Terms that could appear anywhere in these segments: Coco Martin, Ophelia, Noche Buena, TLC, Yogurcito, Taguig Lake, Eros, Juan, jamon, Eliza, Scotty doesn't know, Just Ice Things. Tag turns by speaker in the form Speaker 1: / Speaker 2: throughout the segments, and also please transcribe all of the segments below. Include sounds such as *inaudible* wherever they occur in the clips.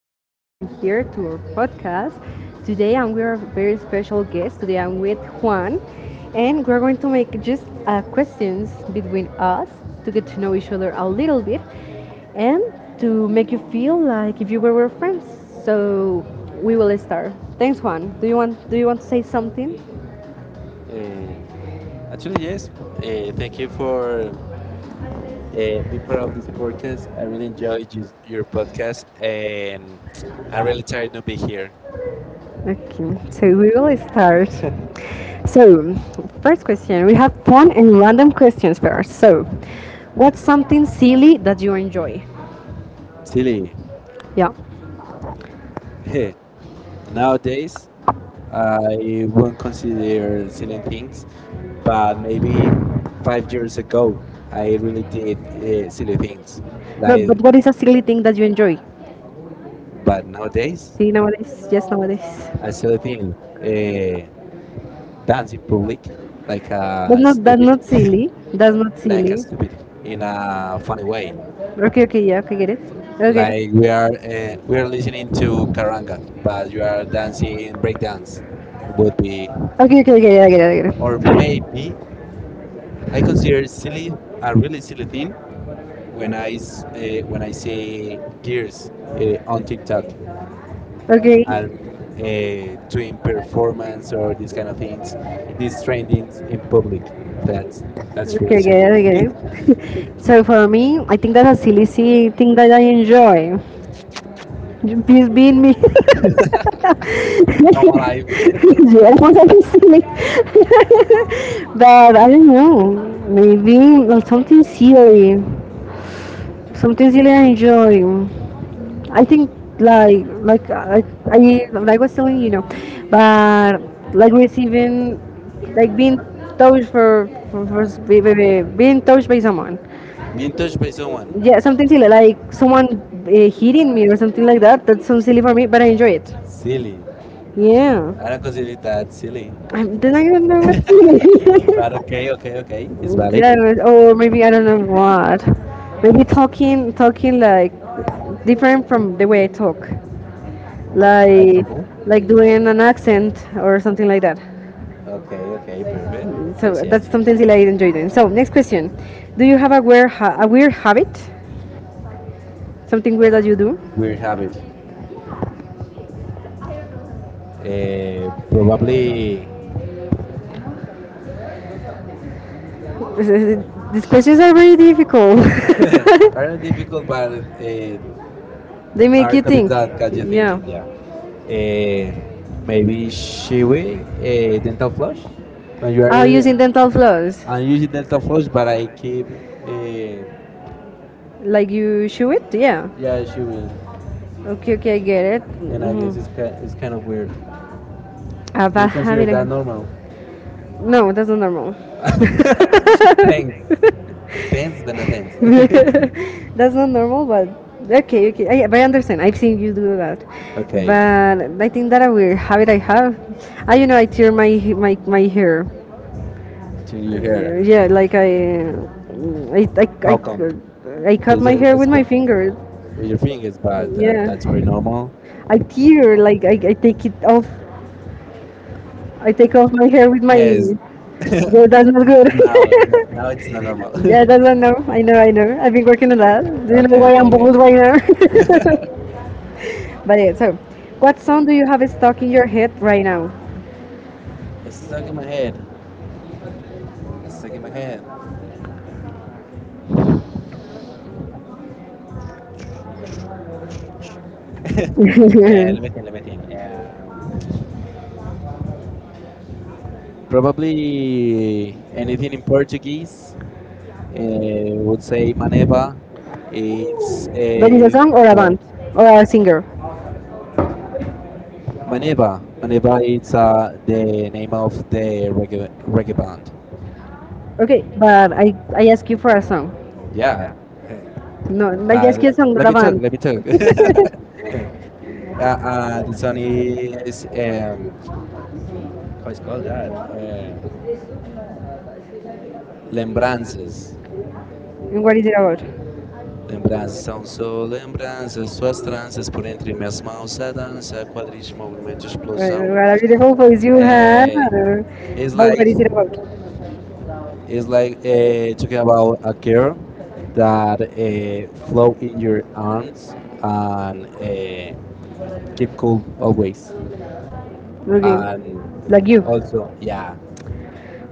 Speaker 1: again for coming here to our podcast. Today, I'm with a very special guest. Today, I'm with Juan, and we're going to make just questions between us to get to know each other a little bit and to make you feel like if you were our friends. So, we will start. Thanks, Juan. Do you want to say something?
Speaker 2: Uh, Actually, yes. Thank you for being part of this podcast. I really enjoy you, your podcast, and I'm really tired to be here.
Speaker 1: Okay. So we will start. *laughs* So, first question, we have fun and random questions first. So, what's something silly that you enjoy?
Speaker 2: Silly.
Speaker 1: Yeah.
Speaker 2: *laughs* Nowadays, I won't consider silly things, but maybe 5 years ago, I really did silly things.
Speaker 1: No,
Speaker 2: Like,
Speaker 1: but what is a silly thing that you enjoy?
Speaker 2: but nowadays,
Speaker 1: See nowadays, yes nowadays.
Speaker 2: I silly thing, dance in public, like a
Speaker 1: That's
Speaker 2: stupid.
Speaker 1: not
Speaker 2: *laughs*
Speaker 1: silly. That's not like
Speaker 2: Like
Speaker 1: silly.
Speaker 2: stupid in a funny way.
Speaker 1: Okay, okay, yeah, okay, get it. Okay.
Speaker 2: Like we are we are listening to karanga, but you are dancing breakdance. Would be
Speaker 1: Okay, okay, okay, yeah, I get it.
Speaker 2: or maybe I consider silly a really silly thing when I see kids on TikTok
Speaker 1: Okay.
Speaker 2: and doing performance or these kind of things, these trendings in public. That's that's really
Speaker 1: Okay, yeah,
Speaker 2: silly.
Speaker 1: okay.
Speaker 2: *laughs*
Speaker 1: *laughs* So for me, I think that's a silly, silly thing that I enjoy. Please be me. *laughs*
Speaker 2: All my
Speaker 1: Yeah,
Speaker 2: life. *laughs*
Speaker 1: *laughs* what I'm silly. *laughs* But I don't know. Maybe like something silly. Something silly I enjoy. I think like like I, I like was telling, but like receiving like being touched for being touched by someone.
Speaker 2: Being touched by someone,
Speaker 1: Yeah, something silly like someone hitting me or something like that. That sounds silly for me, but I enjoy it.
Speaker 2: silly. I
Speaker 1: Yeah,
Speaker 2: don't consider it that silly,
Speaker 1: then I don't know what.
Speaker 2: but okay, it's
Speaker 1: *laughs*
Speaker 2: valid.
Speaker 1: Yeah, but or maybe I don't know what. Maybe talking like different from the way I talk. like
Speaker 2: Example.
Speaker 1: doing an accent or something like that.
Speaker 2: Okay, okay, perfect.
Speaker 1: So that's
Speaker 2: I
Speaker 1: something
Speaker 2: see.
Speaker 1: that I enjoy doing. So next question: Do you have a a weird habit? Something weird that you do?
Speaker 2: Weird habit. Probably
Speaker 1: *laughs* These questions are very difficult. *laughs*
Speaker 2: are not difficult, but
Speaker 1: They make
Speaker 2: are
Speaker 1: you
Speaker 2: topics
Speaker 1: think.
Speaker 2: that got you
Speaker 1: Yeah.
Speaker 2: thinking. Yeah. Uh, Maybe Shiwi dental flush. When you
Speaker 1: Oh,
Speaker 2: are,
Speaker 1: using dental floss.
Speaker 2: I use dental flush, but I keep yeah
Speaker 1: Like you chew it? Yeah.
Speaker 2: Shiwi,
Speaker 1: Okay, okay, I get it.
Speaker 2: and I guess
Speaker 1: Mm.
Speaker 2: it's kind of weird. You
Speaker 1: About
Speaker 2: consider
Speaker 1: having a
Speaker 2: that normal?
Speaker 1: no, that's not normal.
Speaker 2: Thanks. Dance Benadens.
Speaker 1: *laughs* That's not normal, but okay, okay. But I understand. I've seen you do that.
Speaker 2: *laughs* Okay,
Speaker 1: But I think that a weird habit I have. You know, I tear my hair.
Speaker 2: to
Speaker 1: Uh,
Speaker 2: your hair.
Speaker 1: Yeah, like
Speaker 2: How
Speaker 1: How
Speaker 2: come?
Speaker 1: come? I cut
Speaker 2: Please
Speaker 1: my hair with
Speaker 2: explain.
Speaker 1: my fingers.
Speaker 2: Well, your thing is bad.
Speaker 1: Yeah.
Speaker 2: That's pretty
Speaker 1: Yeah,
Speaker 2: normal.
Speaker 1: I take it off. I take off my hair with
Speaker 2: Yes.
Speaker 1: my Yeah, it does not good.
Speaker 2: Now now it's not normal.
Speaker 1: *laughs* *laughs* Yeah, that's not no. I know, I know. I've been working on that. Do
Speaker 2: *laughs*
Speaker 1: you know
Speaker 2: Okay,
Speaker 1: why
Speaker 2: okay,
Speaker 1: I'm
Speaker 2: okay.
Speaker 1: bald right now? *laughs* But yeah, so what song do you have stuck in your head right now?
Speaker 2: It's stuck in my head. It's stuck in my head.
Speaker 1: *laughs* But
Speaker 2: Let me think. Probably anything in Portuguese. Would say maneva. It's
Speaker 1: it's a song or a
Speaker 2: but
Speaker 1: band or a singer.
Speaker 2: maneva. Maneva, it's the name of the reggae band.
Speaker 1: Okay, but I ask you for a song.
Speaker 2: Yeah,
Speaker 1: No, I
Speaker 2: but
Speaker 1: ask you a song, not
Speaker 2: let
Speaker 1: a
Speaker 2: me talk.
Speaker 1: band.
Speaker 2: Let me talk.
Speaker 1: *laughs*
Speaker 2: *laughs* The song is how is called that? Lembranças.
Speaker 1: And what is it about?
Speaker 2: Lembranças são só lembranças, suas tranças por entre minhas mãos a dança, quadris, movimento,
Speaker 1: Right,
Speaker 2: explosão.
Speaker 1: what a beautiful voice you have.
Speaker 2: Eh, it's
Speaker 1: It's But what
Speaker 2: like
Speaker 1: is it about?
Speaker 2: it's like talking about a girl that float in your arms and keep cool always
Speaker 1: Okay,
Speaker 2: and
Speaker 1: like you.
Speaker 2: also yeah,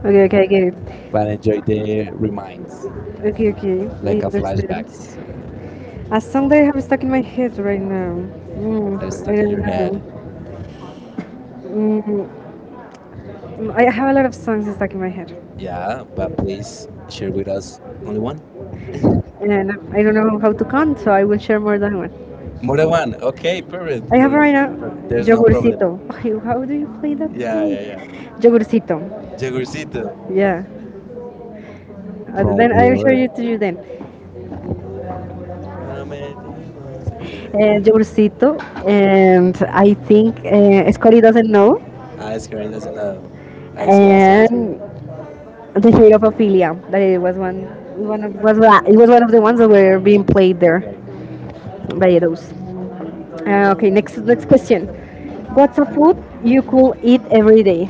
Speaker 1: Okay, okay, I get it.
Speaker 2: but I enjoy the reminds,
Speaker 1: Okay, okay,
Speaker 2: like
Speaker 1: I
Speaker 2: a
Speaker 1: understand.
Speaker 2: flashbacks
Speaker 1: A song that I have stuck in my head right now.
Speaker 2: that is
Speaker 1: Mm,
Speaker 2: stuck
Speaker 1: I
Speaker 2: in
Speaker 1: don't
Speaker 2: your head.
Speaker 1: know. Mm, I have a lot of songs stuck in my head,
Speaker 2: Yeah, but please share with us only one,
Speaker 1: and I don't know how to count, so I will share more than one.
Speaker 2: more than one. Okay, perfect.
Speaker 1: I have
Speaker 2: For,
Speaker 1: right now
Speaker 2: there's no problem.
Speaker 1: Yogurcito. *laughs* How do you play that thing?
Speaker 2: Yeah, yeah, yeah.
Speaker 1: Yeah. Yogurcito.
Speaker 2: Jagurcito.
Speaker 1: Yeah.
Speaker 2: From
Speaker 1: Then I'll show
Speaker 2: what?
Speaker 1: you to you then.
Speaker 2: No me dimos a que
Speaker 1: Uh,
Speaker 2: debe.
Speaker 1: Jaurcito, and I think Scotty doesn't know,
Speaker 2: Ah, it's Karen doesn't know. I see.
Speaker 1: and the shade of Ophelia. That it was one, one of, was wa- it was one of the ones that were being played there by Eros. Okay, next question. What's a food you could eat every day?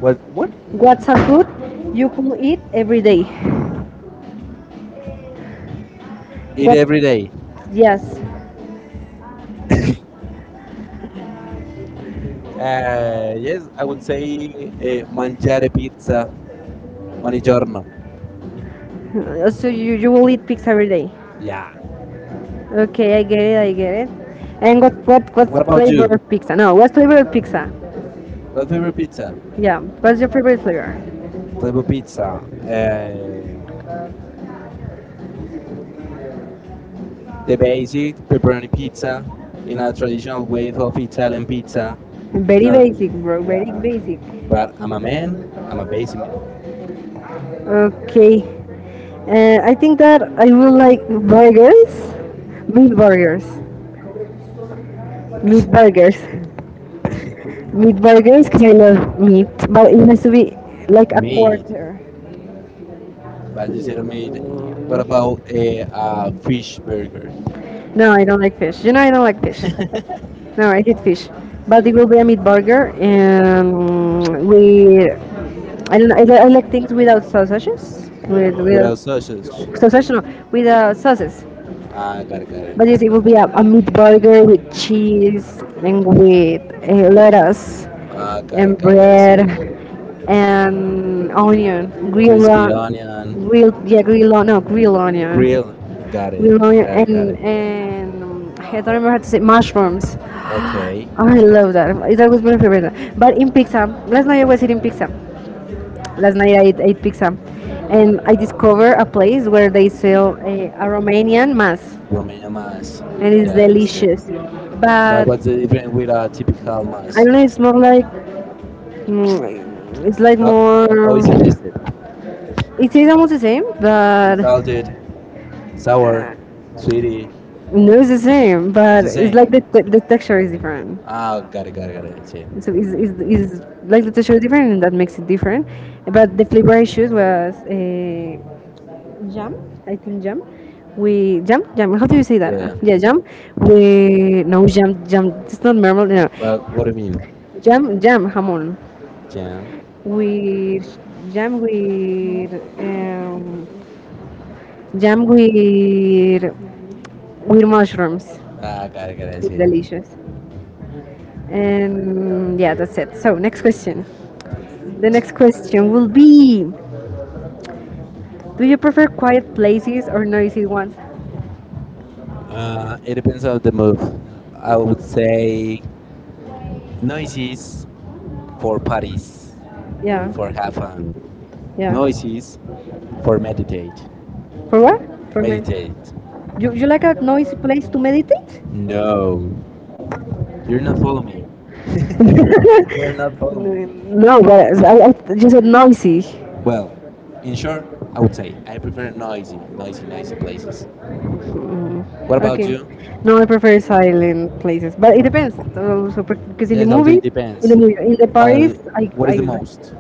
Speaker 2: What? What?
Speaker 1: What's a food you could eat every day?
Speaker 2: Eat every day.
Speaker 1: Yes.
Speaker 2: *laughs* Yes, I would say mangiare pizza ogni giorno.
Speaker 1: So you will eat pizza every day.
Speaker 2: Yeah.
Speaker 1: Okay, I get it. And
Speaker 2: What
Speaker 1: what
Speaker 2: about
Speaker 1: flavor
Speaker 2: you?
Speaker 1: of pizza? No, what flavor of pizza?
Speaker 2: My favorite pizza.
Speaker 1: Yeah. What's your favorite flavor?
Speaker 2: Flavor pizza. The basic pepperoni pizza in a traditional way of Italian pizza. It's
Speaker 1: Very
Speaker 2: not,
Speaker 1: basic, bro. Very basic.
Speaker 2: but I'm a man. I'm a basic
Speaker 1: Okay. And I think that I will like burgers, meat burgers, meat burgers, meat burgers because I love meat, but it has to be like a
Speaker 2: meat.
Speaker 1: quarter.
Speaker 2: But you said you made. What about a, fish burger?
Speaker 1: No, I don't like fish. You know, I don't like fish.
Speaker 2: *laughs*
Speaker 1: No, I hate fish. But it will be a meat burger, and we. I don't know, I like things without sausages, without
Speaker 2: Without sausage?
Speaker 1: sensational with sauces.
Speaker 2: Got it.
Speaker 1: But yes, it will be a meat burger with cheese and with lettuce and
Speaker 2: I
Speaker 1: bread
Speaker 2: see.
Speaker 1: and onion, grilled,
Speaker 2: Crispy
Speaker 1: on-
Speaker 2: onion,
Speaker 1: grilled, yeah, grilled, on- no, grilled right. Onion,
Speaker 2: grill. Got it,
Speaker 1: grilled onion,
Speaker 2: got it.
Speaker 1: and I don't remember how to say mushrooms. *gasps*
Speaker 2: Okay,
Speaker 1: Okay. I love that. It's always my favorite. But in pizza, Last night I ate pizza, and I discovered a place where they sell a Romanian mass,
Speaker 2: Romania mass.
Speaker 1: and it's
Speaker 2: Yeah, that's it.
Speaker 1: delicious. But
Speaker 2: But what's the difference with a typical
Speaker 1: I
Speaker 2: mash?
Speaker 1: don't know, it's like
Speaker 2: How,
Speaker 1: more.
Speaker 2: how is it tasted?
Speaker 1: It tastes almost the same,
Speaker 2: It's
Speaker 1: but
Speaker 2: salted, sour, sweetie.
Speaker 1: no, it's the same.
Speaker 2: It's
Speaker 1: But
Speaker 2: the
Speaker 1: it's
Speaker 2: same.
Speaker 1: like the texture is different.
Speaker 2: Got it. I see.
Speaker 1: So it's like the texture is different, and that makes it different. But the flavor I chose was jam. I think jam. We jam jam, how do you say that?
Speaker 2: Yeah,
Speaker 1: Yeah, jam. We no jam jam, it's not normal no.
Speaker 2: but what do you mean?
Speaker 1: Jam jam jamon.
Speaker 2: Jam?
Speaker 1: We jam with um, jam with mushrooms.
Speaker 2: Got it. I
Speaker 1: It's
Speaker 2: see.
Speaker 1: delicious. And yeah, that's it. So next question,
Speaker 2: Please.
Speaker 1: the next question will be: do you prefer quiet places or noisy ones?
Speaker 2: It depends on the move. I would say noises for parties,
Speaker 1: Yeah.
Speaker 2: for have fun.
Speaker 1: Yeah.
Speaker 2: Noises for meditate.
Speaker 1: For what? For me
Speaker 2: Meditate.
Speaker 1: You, you like a noisy place to meditate?
Speaker 2: No, you're not following me.
Speaker 1: *laughs*
Speaker 2: You're not following.
Speaker 1: No, but I, you said noisy.
Speaker 2: Well, in short, I would say I prefer noisy places. What
Speaker 1: Mm,
Speaker 2: about
Speaker 1: okay.
Speaker 2: you?
Speaker 1: No, I prefer silent places, but it depends. Also, per- because in the
Speaker 2: Yes, also it
Speaker 1: movie, course. In
Speaker 2: depends.
Speaker 1: the movie, in the Silent.
Speaker 2: But
Speaker 1: Paris,
Speaker 2: what is the
Speaker 1: I
Speaker 2: most?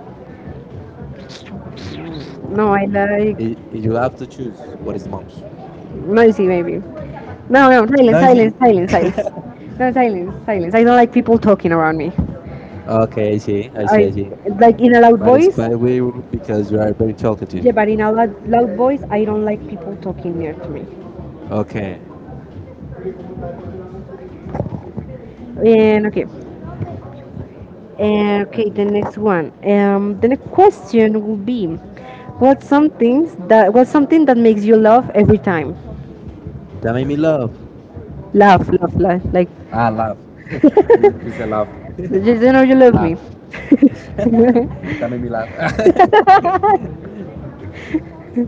Speaker 1: No, I like
Speaker 2: If you have to choose, what is the most?
Speaker 1: noisy maybe. No, no,
Speaker 2: Noisy.
Speaker 1: silence, silence.
Speaker 2: *laughs*
Speaker 1: *laughs* No, silence. I don't like people talking around me. Uh,
Speaker 2: Okay, I
Speaker 1: I
Speaker 2: see.
Speaker 1: like in a loud But
Speaker 2: But it's
Speaker 1: voice.
Speaker 2: quite weird because you are very talkative.
Speaker 1: Yeah, but in a loud voice, I don't like people talking near to me.
Speaker 2: Okay.
Speaker 1: And okay, okay. The next one. The next question will be: what's something that makes you laugh every time?
Speaker 2: That made me laugh.
Speaker 1: Laugh. Like
Speaker 2: Laugh. Laugh.
Speaker 1: just you know you love
Speaker 2: Laugh.
Speaker 1: me, Laugh.
Speaker 2: That made me laugh. *laughs*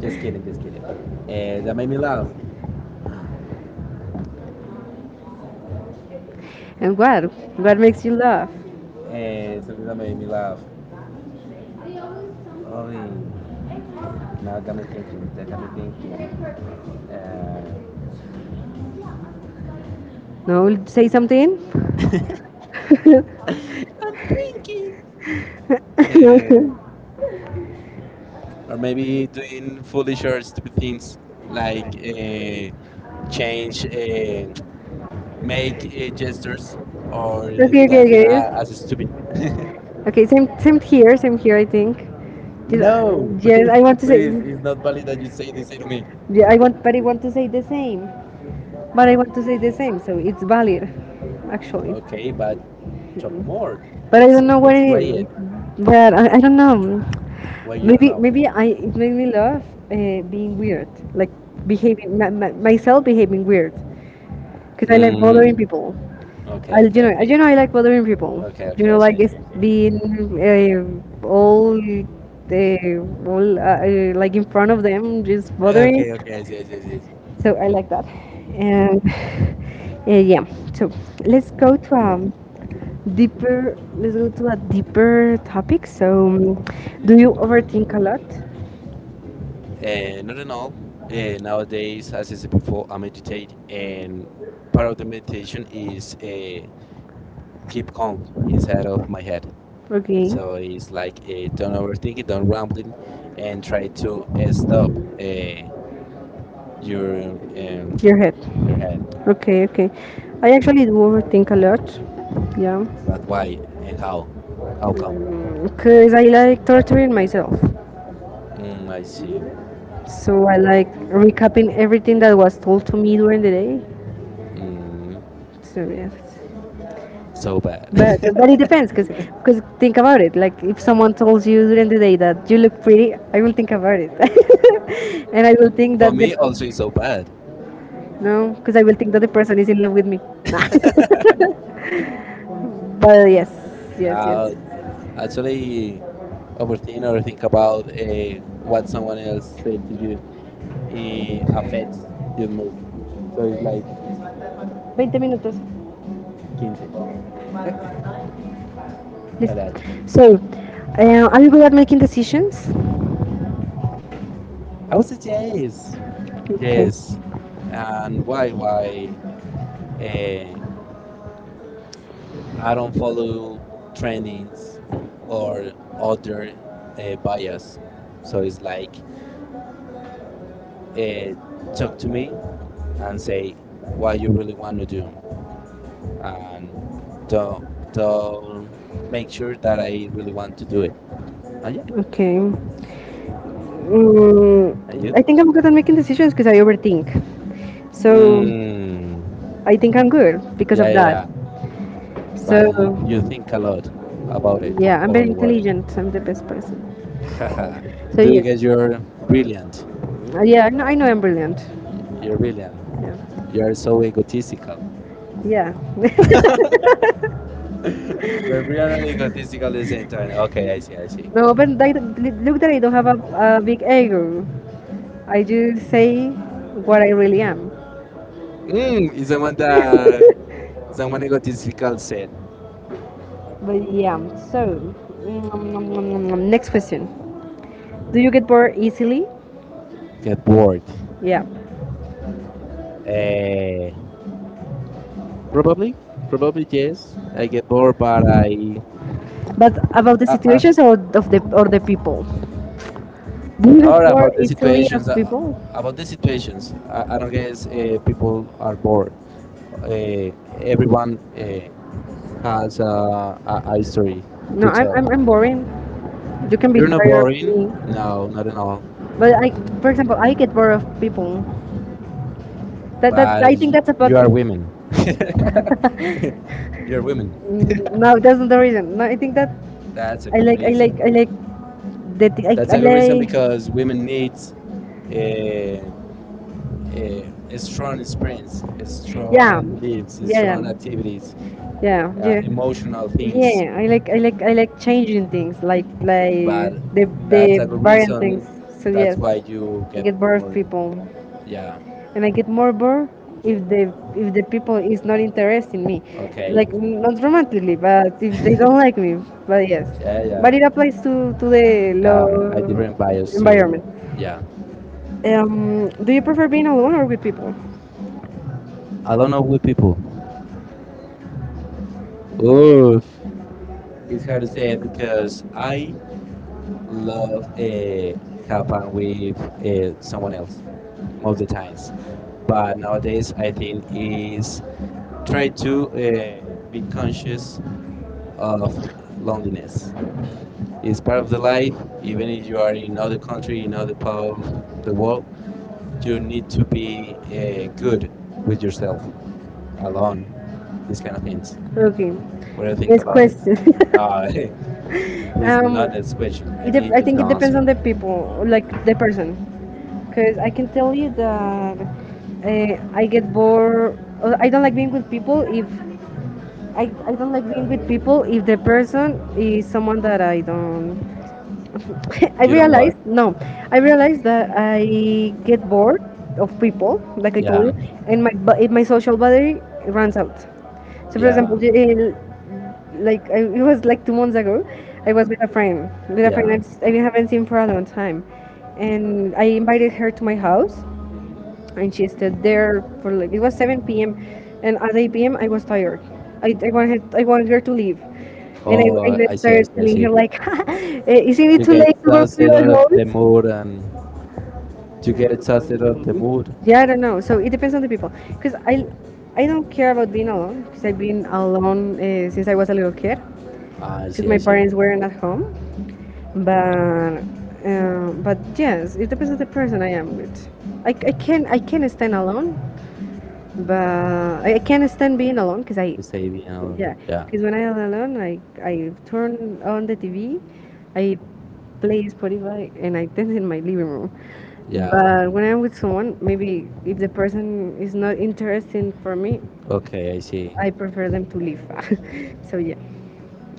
Speaker 2: Just kidding. That made me laugh.
Speaker 1: And what makes you laugh?
Speaker 2: Something that made me laugh. Oh, now that got me thinking. That got me thinking. Eh,
Speaker 1: No, say something. *laughs*
Speaker 2: *laughs* I'm thinking.
Speaker 1: Okay.
Speaker 2: Eh, or maybe doing foolish or stupid things like change, uh, make gestures, or dancing as a
Speaker 1: Okay.
Speaker 2: stupid. *laughs*
Speaker 1: Okay, same here, same here. I think. Just,
Speaker 2: No,
Speaker 1: yes, I want to say.
Speaker 2: it's not valid that you say this say to me.
Speaker 1: Yeah, I want, but I want to say the same. But I want to say the same, so it's valid, actually.
Speaker 2: Okay, but talk more.
Speaker 1: But I don't know what
Speaker 2: Let's
Speaker 1: why,
Speaker 2: play it.
Speaker 1: it But I don't know.
Speaker 2: Why you don't know?
Speaker 1: Maybe I it made me love being weird, like behaving myself behaving weird. Because I like bothering
Speaker 2: Mm.
Speaker 1: people. I
Speaker 2: Okay, okay,
Speaker 1: You know,
Speaker 2: okay,
Speaker 1: you know I like bothering people. You
Speaker 2: okay.
Speaker 1: know okay, like it's okay.
Speaker 2: I see.
Speaker 1: Being all the all like in front of them just Yeah. bothering.
Speaker 2: I
Speaker 1: Absolutely.
Speaker 2: see.
Speaker 1: So I like that. And *laughs* yeah. So let's go to a Let's go to a deeper topic. So, do you overthink a lot?
Speaker 2: Not at all. Nowadays, as I said before, I meditate, and part of the meditation is keep calm inside of my head.
Speaker 1: Okay,
Speaker 2: So
Speaker 1: No,
Speaker 2: it's like don't overthink it, don't rambling, and try to stop uh,
Speaker 1: You're.
Speaker 2: your um,
Speaker 1: Your head.
Speaker 2: your head.
Speaker 1: Okay, okay. I actually do overthink a lot. Yeah.
Speaker 2: But why and how?
Speaker 1: You
Speaker 2: How come?
Speaker 1: overthink? Because I like torturing myself.
Speaker 2: Mm, I see.
Speaker 1: So I like recapping everything that was told to me during the day.
Speaker 2: Mm,
Speaker 1: So, yes.
Speaker 2: so bad.
Speaker 1: But, but
Speaker 2: *laughs*
Speaker 1: it depends, because think about it. Like, if someone tells you during the day that you look pretty, I will think about it. *laughs* And I will think For
Speaker 2: For me, also
Speaker 1: the,
Speaker 2: it's so bad.
Speaker 1: no, because I will think that the person is in love with me. *laughs* But yes,
Speaker 2: Uh,
Speaker 1: yes.
Speaker 2: Actually, overthink or think about what someone else said to you it affects your mood. So it's like
Speaker 1: 20 minutos.
Speaker 2: 15. Like,
Speaker 1: Listen. So, are you good at making decisions?
Speaker 2: I would say
Speaker 1: Okay.
Speaker 2: yes. And why? Why? Uh, I don't follow trendings or other bias. So it's like uh, talk to me and say what you really want to do, and don't don't make sure that I really want to do it. And yeah,
Speaker 1: Okay.
Speaker 2: and you?
Speaker 1: Mm,
Speaker 2: I
Speaker 1: I
Speaker 2: think
Speaker 1: think
Speaker 2: it's
Speaker 1: I'm good at making decisions because I overthink.
Speaker 2: the
Speaker 1: So,
Speaker 2: same. Mm,
Speaker 1: I think I'm good because of Yeah, that.
Speaker 2: yeah.
Speaker 1: Yeah. So, But
Speaker 2: But
Speaker 1: you
Speaker 2: you
Speaker 1: think
Speaker 2: think a
Speaker 1: a lot
Speaker 2: lot about
Speaker 1: about
Speaker 2: it,
Speaker 1: it.
Speaker 2: yeah,
Speaker 1: Yeah, I'm
Speaker 2: or
Speaker 1: very
Speaker 2: what?
Speaker 1: intelligent. I'm the best person.
Speaker 2: *laughs*
Speaker 1: So,
Speaker 2: Do you
Speaker 1: yeah.
Speaker 2: guys? You're brilliant.
Speaker 1: Yeah, I know I'm brilliant.
Speaker 2: You're brilliant.
Speaker 1: Yeah.
Speaker 2: You're so egotistical.
Speaker 1: Yeah.
Speaker 2: You're brilliant and egotistical at the same time. Okay, I see.
Speaker 1: *laughs* No,
Speaker 2: No,
Speaker 1: but look that I don't have a big ego. I just say what I really am.
Speaker 2: mm, is someone that someone egotistical said.
Speaker 1: But yeah, so mm, next question: Do you get bored easily?
Speaker 2: Get bored.
Speaker 1: Yeah,
Speaker 2: Eh. Probably, probably yes. I get bored,
Speaker 1: but about the
Speaker 2: uh, uh,
Speaker 1: situations or of the or the people? Do you get
Speaker 2: not
Speaker 1: bored
Speaker 2: about the
Speaker 1: easily
Speaker 2: situations.
Speaker 1: of people?
Speaker 2: About the situations, I don't guess people are bored. Uh, Everyone has a story
Speaker 1: No,
Speaker 2: to tell.
Speaker 1: I'm boring. You can be
Speaker 2: You're
Speaker 1: me,
Speaker 2: not boring. No, not at all.
Speaker 1: but for example, I get bored of people. That that
Speaker 2: But
Speaker 1: I think
Speaker 2: you,
Speaker 1: that's
Speaker 2: you are
Speaker 1: about.
Speaker 2: women. *laughs* You're women.
Speaker 1: Mm, *laughs* No, that's not the reason. No, I think that
Speaker 2: That's a good reason.
Speaker 1: I like
Speaker 2: That's
Speaker 1: I
Speaker 2: a good reason
Speaker 1: like
Speaker 2: because women needs uh, a strong experience, a
Speaker 1: yeah
Speaker 2: strong beliefs,
Speaker 1: yeah
Speaker 2: a strong
Speaker 1: yeah.
Speaker 2: activities,
Speaker 1: Yeah, yeah. Uh,
Speaker 2: emotional things.
Speaker 1: Yeah, I like changing things, like
Speaker 2: But
Speaker 1: the
Speaker 2: that's a
Speaker 1: that's
Speaker 2: good
Speaker 1: variant things.
Speaker 2: reason.
Speaker 1: So
Speaker 2: That's
Speaker 1: yes,
Speaker 2: why
Speaker 1: That's
Speaker 2: you
Speaker 1: I
Speaker 2: get
Speaker 1: get bored of
Speaker 2: bored.
Speaker 1: people,
Speaker 2: Yeah.
Speaker 1: and I get more bored if the people is not interested in me,
Speaker 2: Okay.
Speaker 1: like not romantically, but if they don't like
Speaker 2: *laughs*
Speaker 1: me. But yes,
Speaker 2: Yeah,
Speaker 1: but
Speaker 2: yeah.
Speaker 1: it applies to the
Speaker 2: Yeah,
Speaker 1: law
Speaker 2: I different bias too.
Speaker 1: environment.
Speaker 2: Yeah.
Speaker 1: Do you prefer being alone or with people?
Speaker 2: I don't know with people. Oof. It's hard to say it because I love happen with someone else most of the times. But nowadays, I think is try to be conscious of loneliness. It's part of the life. Even if you are in other country, in other part of the world, you need to be good with yourself, alone, these kind of things.
Speaker 1: Okay,
Speaker 2: What do you think
Speaker 1: next
Speaker 2: about it?
Speaker 1: question. *laughs*
Speaker 2: No,
Speaker 1: *laughs*
Speaker 2: *laughs* it's
Speaker 1: Um,
Speaker 2: not a question. I
Speaker 1: it dep
Speaker 2: need
Speaker 1: I
Speaker 2: you
Speaker 1: think
Speaker 2: to
Speaker 1: it depends
Speaker 2: answer.
Speaker 1: on the people, like the person, because I can tell you that I get bored. I don't like being with people if I don't like being with people if the person is someone that I don't. *laughs* I You
Speaker 2: You don't what?
Speaker 1: realize like? No, I realize that I get bored of people, like I Yeah. Told
Speaker 2: Yeah,
Speaker 1: you, and my social battery runs out. So for
Speaker 2: yeah,
Speaker 1: example, like it was like 2 months ago. I was with a friend,
Speaker 2: yeah,
Speaker 1: I haven't seen for a long time, and I invited her to my house, and she stayed there for like it was 7 p.m. and at 8 p.m. I was tired. I wanted her to leave, and I
Speaker 2: oh,
Speaker 1: then started
Speaker 2: I
Speaker 1: telling her
Speaker 2: see.
Speaker 1: like, *laughs* "Eh, isn't it
Speaker 2: You
Speaker 1: too
Speaker 2: get
Speaker 1: late to go to
Speaker 2: exhausted
Speaker 1: your
Speaker 2: of the
Speaker 1: house?"
Speaker 2: mood, and you get exhausted of the mood.
Speaker 1: Yeah, I don't know. So it depends on the people, because I don't care about being alone because I've been alone since I was a little kid, because
Speaker 2: I
Speaker 1: my
Speaker 2: see.
Speaker 1: parents weren't at home. But but yes, it depends on the person I am with. I can stand alone, but I can't stand being alone because I,
Speaker 2: Stay being alone.
Speaker 1: yeah,
Speaker 2: Yeah.
Speaker 1: because when I'm alone I turn on the TV, I play Spotify and I dance in my living room.
Speaker 2: Yeah.
Speaker 1: But when I'm with someone, maybe if the person is not interesting for me,
Speaker 2: Okay, I see.
Speaker 1: I prefer them to leave. *laughs* So yeah,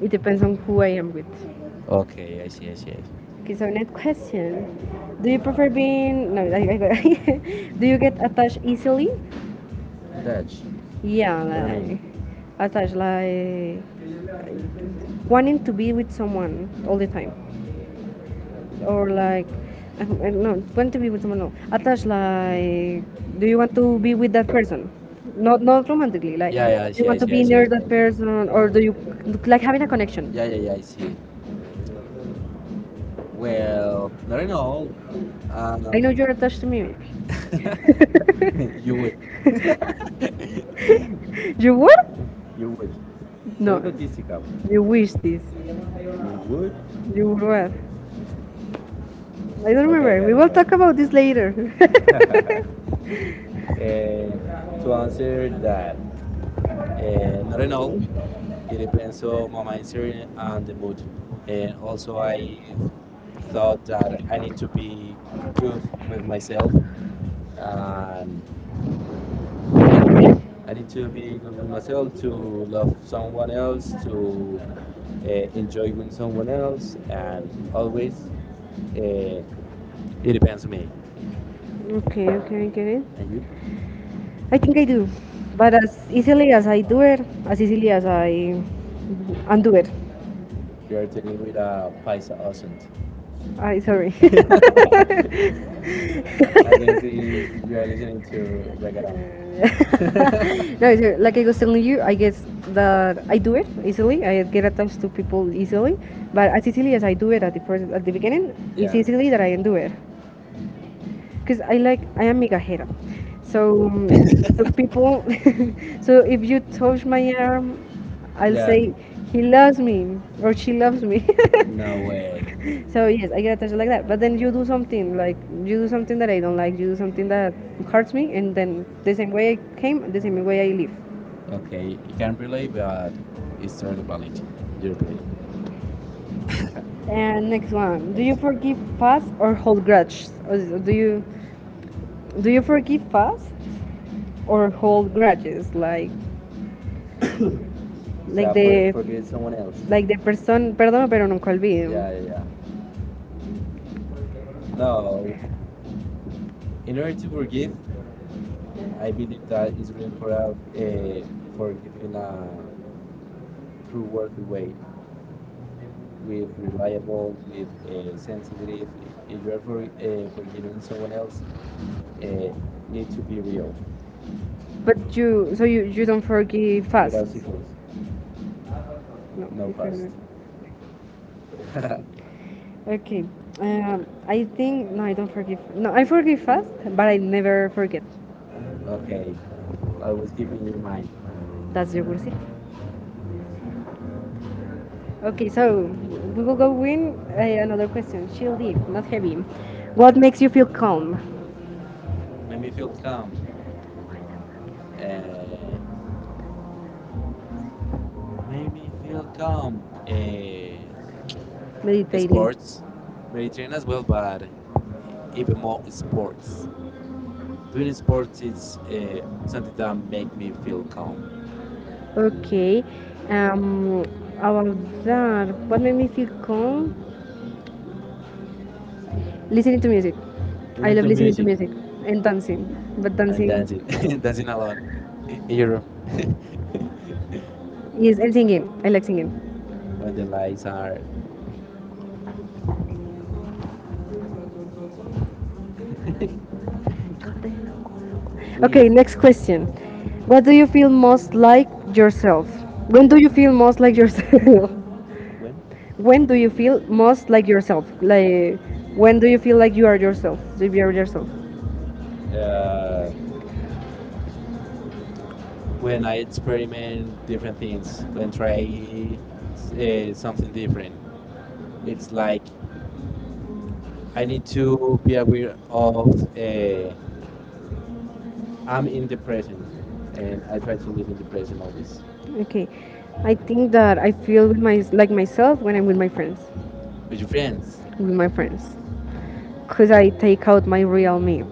Speaker 1: it depends on who I am with.
Speaker 2: *laughs* Okay, I see.
Speaker 1: Okay, so next question. Do you prefer being no? *laughs* Do you get attached easily?
Speaker 2: Attach.
Speaker 1: Yeah,
Speaker 2: When is
Speaker 1: like attached, like wanting to be with someone all the time, or like I don't know, want to be with someone. No, attached, like do you want to be with that person? Not romantically, like do you want to be
Speaker 2: I see.
Speaker 1: near that person, or do you like having a connection?
Speaker 2: Yeah, I see. Well, not at all.
Speaker 1: I
Speaker 2: Um,
Speaker 1: know you're attached to me.
Speaker 2: *laughs* you would,
Speaker 1: *laughs* You what?
Speaker 2: you would
Speaker 1: No. You wish this.
Speaker 2: good
Speaker 1: You would what? I don't remember. Okay, we will talk about this later. *laughs*
Speaker 2: to answer that. Not at all. It depends on my mindset and the mood. And also, I thought that I need to be good with myself and yeah, I need to be good with myself, to love someone else, to enjoy with someone else, and always uh, it depends on me.
Speaker 1: Okay, okay, I get it.
Speaker 2: And you?
Speaker 1: I think I do. But as easily as I do it, as easily as I undo it.
Speaker 2: You are talking with a Paisa accent.
Speaker 1: I sorry. *laughs*
Speaker 2: I
Speaker 1: I
Speaker 2: guess is we are listening
Speaker 1: *laughs*
Speaker 2: to reggaeton.
Speaker 1: *laughs* No, like I was telling you, I guess that I do it easily. I get attached to people easily, but as easily as I do it at the beginning, yeah, it's
Speaker 2: Yeah,
Speaker 1: easily that I undo it because I like I am mega hera. So so people, *laughs* so if you touch my arm, I'll
Speaker 2: yeah.
Speaker 1: say he loves me or she loves me. *laughs*
Speaker 2: No way.
Speaker 1: So yes, I get attached like that. But then you do something like you do something that I don't like. You do something that hurts me, and then the same way I came, the same way I leave.
Speaker 2: Okay, you can relate, but it's really valid. Your opinion.
Speaker 1: And next one, do you
Speaker 2: It's
Speaker 1: forgive fast or hold grudges? Or do you do you forgive fast or hold grudges? Like
Speaker 2: so,
Speaker 1: like the
Speaker 2: someone else.
Speaker 1: the person, Perdón, pero nunca olvido.
Speaker 2: Yeah, yeah, yeah. No, in order to forgive, I believe that is really important uh, for giving a true worthy weight with reliable, with sensitive. If you are for, forgiving someone else, uh, need to be real,
Speaker 1: But you, so you don't forgive fast.
Speaker 2: without sequels,
Speaker 1: No,
Speaker 2: no
Speaker 1: you
Speaker 2: past.
Speaker 1: cannot. Okay. I think no, I don't forgive. No, I forgive fast, but I never forget.
Speaker 2: Okay, always keep in your mind.
Speaker 1: That's your receipt. Okay, so we will go in another question. Shieldy, not heavy. What makes you feel calm?
Speaker 2: Make me feel calm. Uh, Make me feel calm. Uh,
Speaker 1: Meditating.
Speaker 2: Sports, Mediterranean as well, but even more sports. Doing sports, it's something that make me feel calm.
Speaker 1: Explore. Okay. Um, about that, what made me feel calm? Listening to music. I
Speaker 2: Listen
Speaker 1: love
Speaker 2: to
Speaker 1: listening to
Speaker 2: music,
Speaker 1: music and dancing, but
Speaker 2: and dancing, *laughs* dancing alone in your room
Speaker 1: is and singing. I like singing.
Speaker 2: when the lights are clear.
Speaker 1: Okay, next question. What do you feel most like yourself? When do you feel most like yourself? *laughs* When do you feel most like yourself? Like when do you feel like you are yourself? You are yourself.
Speaker 2: When I experiment different things, when try something different, it's like I need to be aware of. Uh, I'm in the present, and I try to live in the present always
Speaker 1: Okay. I think that I feel with my like myself when I'm with my friends.
Speaker 2: with your friends.
Speaker 1: With my friends. Cause I take out my real me.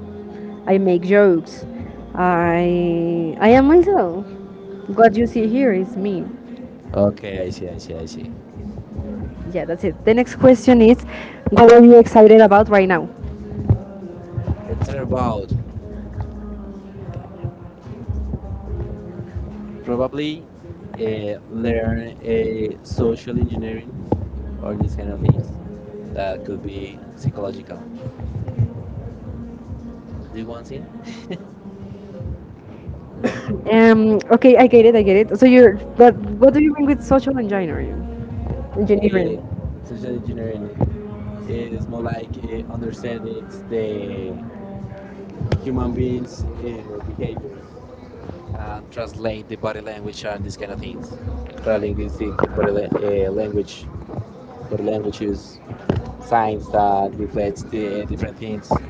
Speaker 1: I make jokes. I am myself. What you see here is me.
Speaker 2: Okay, I see.
Speaker 1: Yeah, that's it. The next question is, what are you excited about right now?
Speaker 2: It's all about probably learn social engineering or these kind of things that could be psychological. Do the one thing,
Speaker 1: Okay, I get it, I get it. So you're, but what do you mean with social engineering?
Speaker 2: uh,
Speaker 1: Engineering.
Speaker 2: social engineering is more like understanding the human beings' behaviors and translate the body language and these kind of things. Language, body language is signs that reflects the different things.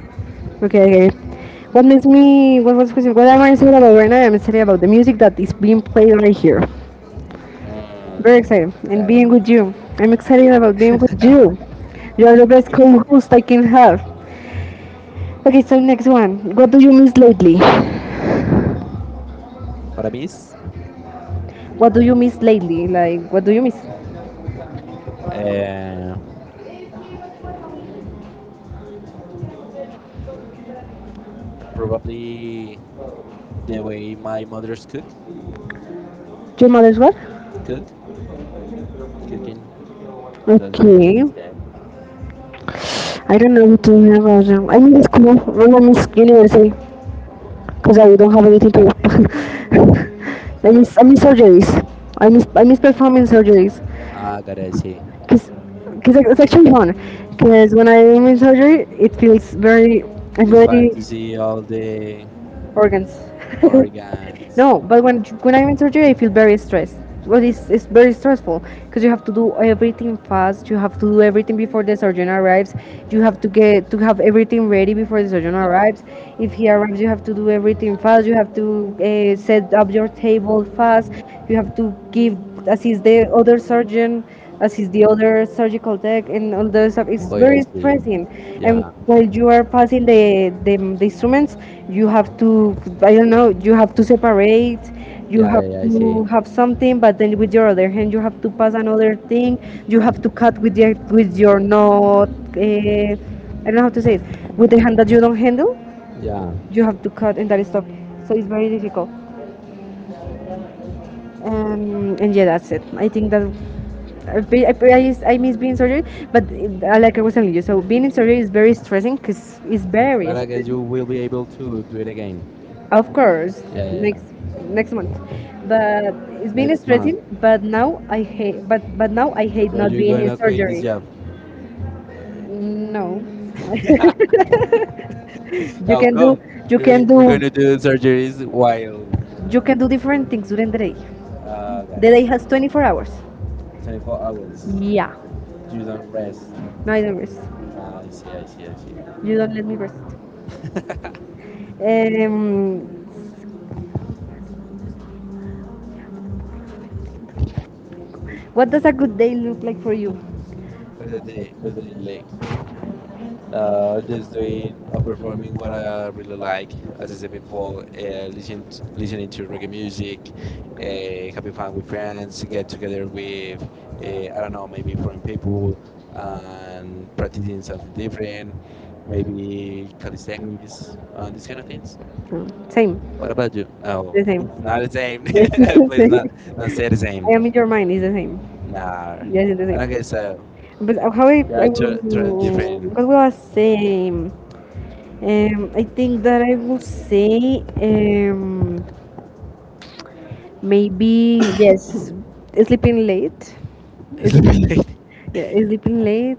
Speaker 1: Okay, okay. What was the question? What am I excited about right now? I'm excited about the music that is being played right here. Very
Speaker 2: Mm,
Speaker 1: excited. And
Speaker 2: got
Speaker 1: being
Speaker 2: it.
Speaker 1: with you. I'm excited about being with you. You are the best co-host I can have. Okay, so next one. What do you miss lately?
Speaker 2: What I miss.
Speaker 1: What do you miss lately? Like, what do you miss?
Speaker 2: Uh, Probably the way my mother's cook,
Speaker 1: Your mother's what?
Speaker 2: cook, cooking, because the
Speaker 1: Okay.
Speaker 2: building's there.
Speaker 1: I don't know what to have as I mean it's cool. When I miss university because I don't have anything to *laughs* do.
Speaker 2: So what?
Speaker 1: I miss surgeries. I miss performing surgeries
Speaker 2: Ah, gotta see.
Speaker 1: because it's actually fun. Because when I'm in surgery, it feels very I'm
Speaker 2: It's fun to
Speaker 1: very
Speaker 2: see all the
Speaker 1: organs. *laughs*
Speaker 2: organs.
Speaker 1: No, but when I'm in surgery, I feel very stressed. Well, it's very stressful because you have to do everything fast. You have to do everything before the surgeon arrives. You have to get to have everything ready before the surgeon
Speaker 2: Yeah.
Speaker 1: arrives. If he arrives, you have to do everything fast. You have to set up your table fast. You have to give assist the other surgeon, assist the other other surgical tech and all those stuff. It's
Speaker 2: Oh, yeah, I
Speaker 1: very
Speaker 2: see.
Speaker 1: stressing. And
Speaker 2: Yeah.
Speaker 1: while you are passing the instruments, you have to, I don't know, you have to separate, you Right. Have
Speaker 2: Yeah, I see.
Speaker 1: to have something, but then with your other hand, you have to pass another thing, you have to cut with your not, uh, I don't know how to say it, with the hand that you don't handle,
Speaker 2: Yeah.
Speaker 1: you have to cut and that stuff. So it's very difficult. And yeah, that's it. I think that I, I, I, I miss being in surgery, but like I was telling you, so being in surgery is very stressing because it's very,
Speaker 2: But I guess you will be able to do it again.
Speaker 1: of course,
Speaker 2: Yeah, yeah, yeah.
Speaker 1: next next month, but it's been
Speaker 2: Next month.
Speaker 1: stressing. But now I hate
Speaker 2: So
Speaker 1: not
Speaker 2: you're
Speaker 1: being in
Speaker 2: gonna quit this
Speaker 1: surgery.
Speaker 2: job.
Speaker 1: No, *laughs* you
Speaker 2: How
Speaker 1: can do
Speaker 2: come?
Speaker 1: you can
Speaker 2: You're
Speaker 1: do
Speaker 2: gonna do surgeries while.
Speaker 1: you can do different things during the day.
Speaker 2: Ah, got
Speaker 1: The
Speaker 2: it.
Speaker 1: day has 24 hours.
Speaker 2: 24 hours.
Speaker 1: Yeah,
Speaker 2: You don't rest.
Speaker 1: no, I don't rest.
Speaker 2: I see.
Speaker 1: You don't let me rest. Um, what does a good day look like for you?
Speaker 2: For the day, for the day, like, just doing or performing what I really like, as I said before, listening to reggae music, having fun with friends, get together with, I don't know, maybe foreign people, and practicing something different, maybe calisthenics, and these kind of things.
Speaker 1: No, same,
Speaker 2: What about you? No,
Speaker 1: the same.
Speaker 2: it's not the same.
Speaker 1: Yes, *laughs* it's
Speaker 2: *laughs*
Speaker 1: the
Speaker 2: Please, not
Speaker 1: same.
Speaker 2: say the same.
Speaker 1: I am in your mind. It's the same.
Speaker 2: Nah,
Speaker 1: Yes, it's the
Speaker 2: I don't guess
Speaker 1: same.
Speaker 2: so.
Speaker 1: But how
Speaker 2: There are
Speaker 1: I
Speaker 2: two
Speaker 1: will,
Speaker 2: different
Speaker 1: what will I say? I think that I will say maybe yes, sleeping late.
Speaker 2: *laughs*
Speaker 1: Sleep,
Speaker 2: sleep.
Speaker 1: yeah, sleeping late,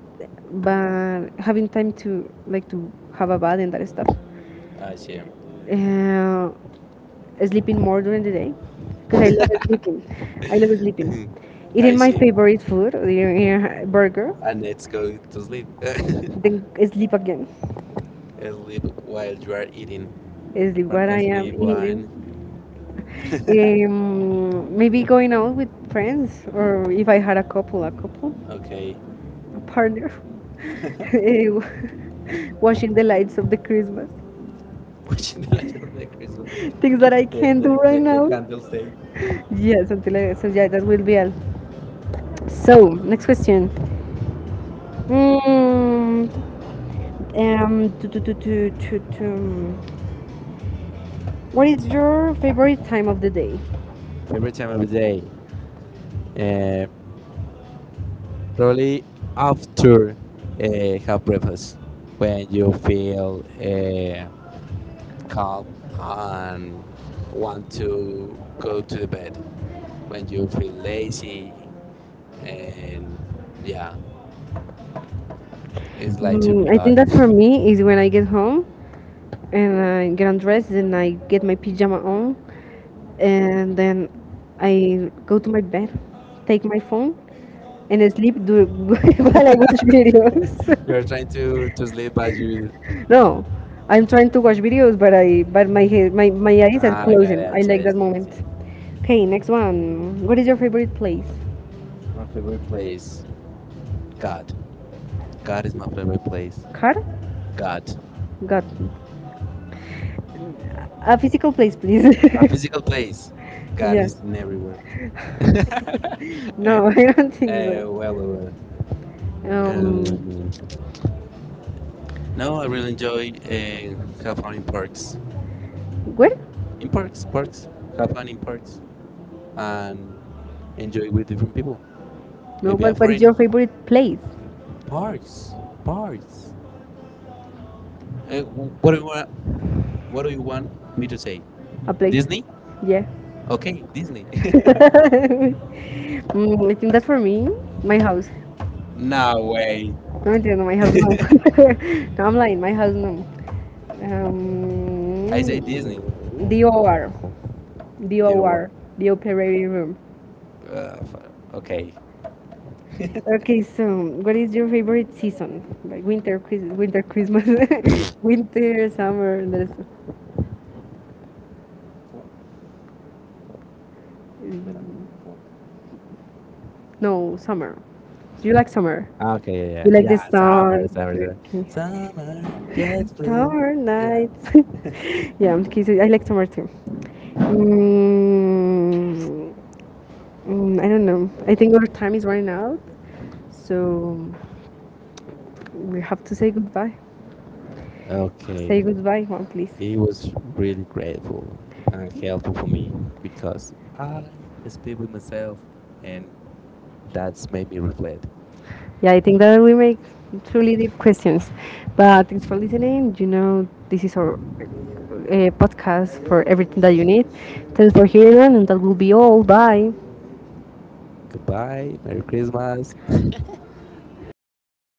Speaker 1: but having time to like to have a bath and that stuff.
Speaker 2: I see.
Speaker 1: Uh, sleeping more during the day because I love sleeping. I love sleeping. Eating
Speaker 2: I
Speaker 1: my
Speaker 2: see.
Speaker 1: favorite food, the burger,
Speaker 2: And let's go to sleep.
Speaker 1: then
Speaker 2: *laughs*
Speaker 1: sleep again.
Speaker 2: Sleep while you are eating,
Speaker 1: Sleep
Speaker 2: or
Speaker 1: what I am
Speaker 2: sleep
Speaker 1: eating.
Speaker 2: when. *laughs*
Speaker 1: Maybe going out with friends, or if I had a couple,
Speaker 2: Okay.
Speaker 1: a partner. *laughs* Eh, *laughs* watching the lights of the Christmas.
Speaker 2: Watching the lights of the Christmas,
Speaker 1: Things that I can't do right
Speaker 2: the
Speaker 1: now.
Speaker 2: candles day.
Speaker 1: So yeah, that will be all. So, next question. Mm, Um, to, to, to, to, to, to- what is your favorite time of the day?
Speaker 2: Favorite time of the day? Uh, Probably after have breakfast when you feel. Calm and want to go to the bed when you feel lazy and yeah it's like to
Speaker 1: Mm,
Speaker 2: be
Speaker 1: I
Speaker 2: hot
Speaker 1: think that
Speaker 2: *laughs*
Speaker 1: for me is when I get home and I get undressed and I get my pajama on and then I go to my bed, take my phone and *laughs* while I watch videos.
Speaker 2: you're trying to sleep but you
Speaker 1: *laughs* No, I'm trying to watch videos, but I but my head, my eyes are
Speaker 2: ah, got
Speaker 1: closing. I
Speaker 2: it
Speaker 1: like that
Speaker 2: yes, yes, yes.
Speaker 1: moment. Okay, next one. What is your favorite place?
Speaker 2: My favorite place god god is my favorite place
Speaker 1: Car?
Speaker 2: god
Speaker 1: God. A physical place, please.
Speaker 2: a physical place
Speaker 1: *laughs*
Speaker 2: god
Speaker 1: Yes.
Speaker 2: is in everywhere *laughs* Eh,
Speaker 1: No, *laughs* I don't think
Speaker 2: well,
Speaker 1: so.
Speaker 2: well, well. Um,
Speaker 1: Um,
Speaker 2: no, I really enjoy have fun in parks.
Speaker 1: where?
Speaker 2: In parks, parks, have fun in parks and enjoy with different people.
Speaker 1: No,
Speaker 2: Maybe a
Speaker 1: but what is
Speaker 2: friend.
Speaker 1: your favorite place?
Speaker 2: Parks, parks. What do you want? What do you want me to say?
Speaker 1: A place,
Speaker 2: Disney?
Speaker 1: yeah.
Speaker 2: Okay, Disney. *laughs*
Speaker 1: *laughs* Mm, I think that's for me. My house.
Speaker 2: No way.
Speaker 1: No, I no, my house no.
Speaker 2: *laughs*
Speaker 1: *laughs* No, I'm lying. My house no.
Speaker 2: I
Speaker 1: I say
Speaker 2: say Disney.
Speaker 1: The OR, the
Speaker 2: The word.
Speaker 1: OR, the operating room.
Speaker 2: Okay.
Speaker 1: Okay, so what is your favorite season? Like winter, Christmas, *laughs* winter, summer. No, summer. Do you like summer?
Speaker 2: Okay. Yeah.
Speaker 1: You like
Speaker 2: Yeah.
Speaker 1: the sun, okay.
Speaker 2: Summer. Yes,
Speaker 1: *laughs*
Speaker 2: please.
Speaker 1: Summer, yeah,
Speaker 2: Yeah.
Speaker 1: nights. *laughs* Yeah, okay, so I like summer too. Mm, mm, I don't know. I think our time is running out, so we have to say goodbye.
Speaker 2: Okay.
Speaker 1: Say goodbye, Juan, please.
Speaker 2: It was really grateful and helpful for me because I speak with myself and that's made me reflect.
Speaker 1: Yeah, I think that we make truly deep questions. But thanks for listening. You know, this is our podcast for everything that you need. Thanks for hearing, and that will be all. Bye.
Speaker 2: Goodbye, Merry Christmas,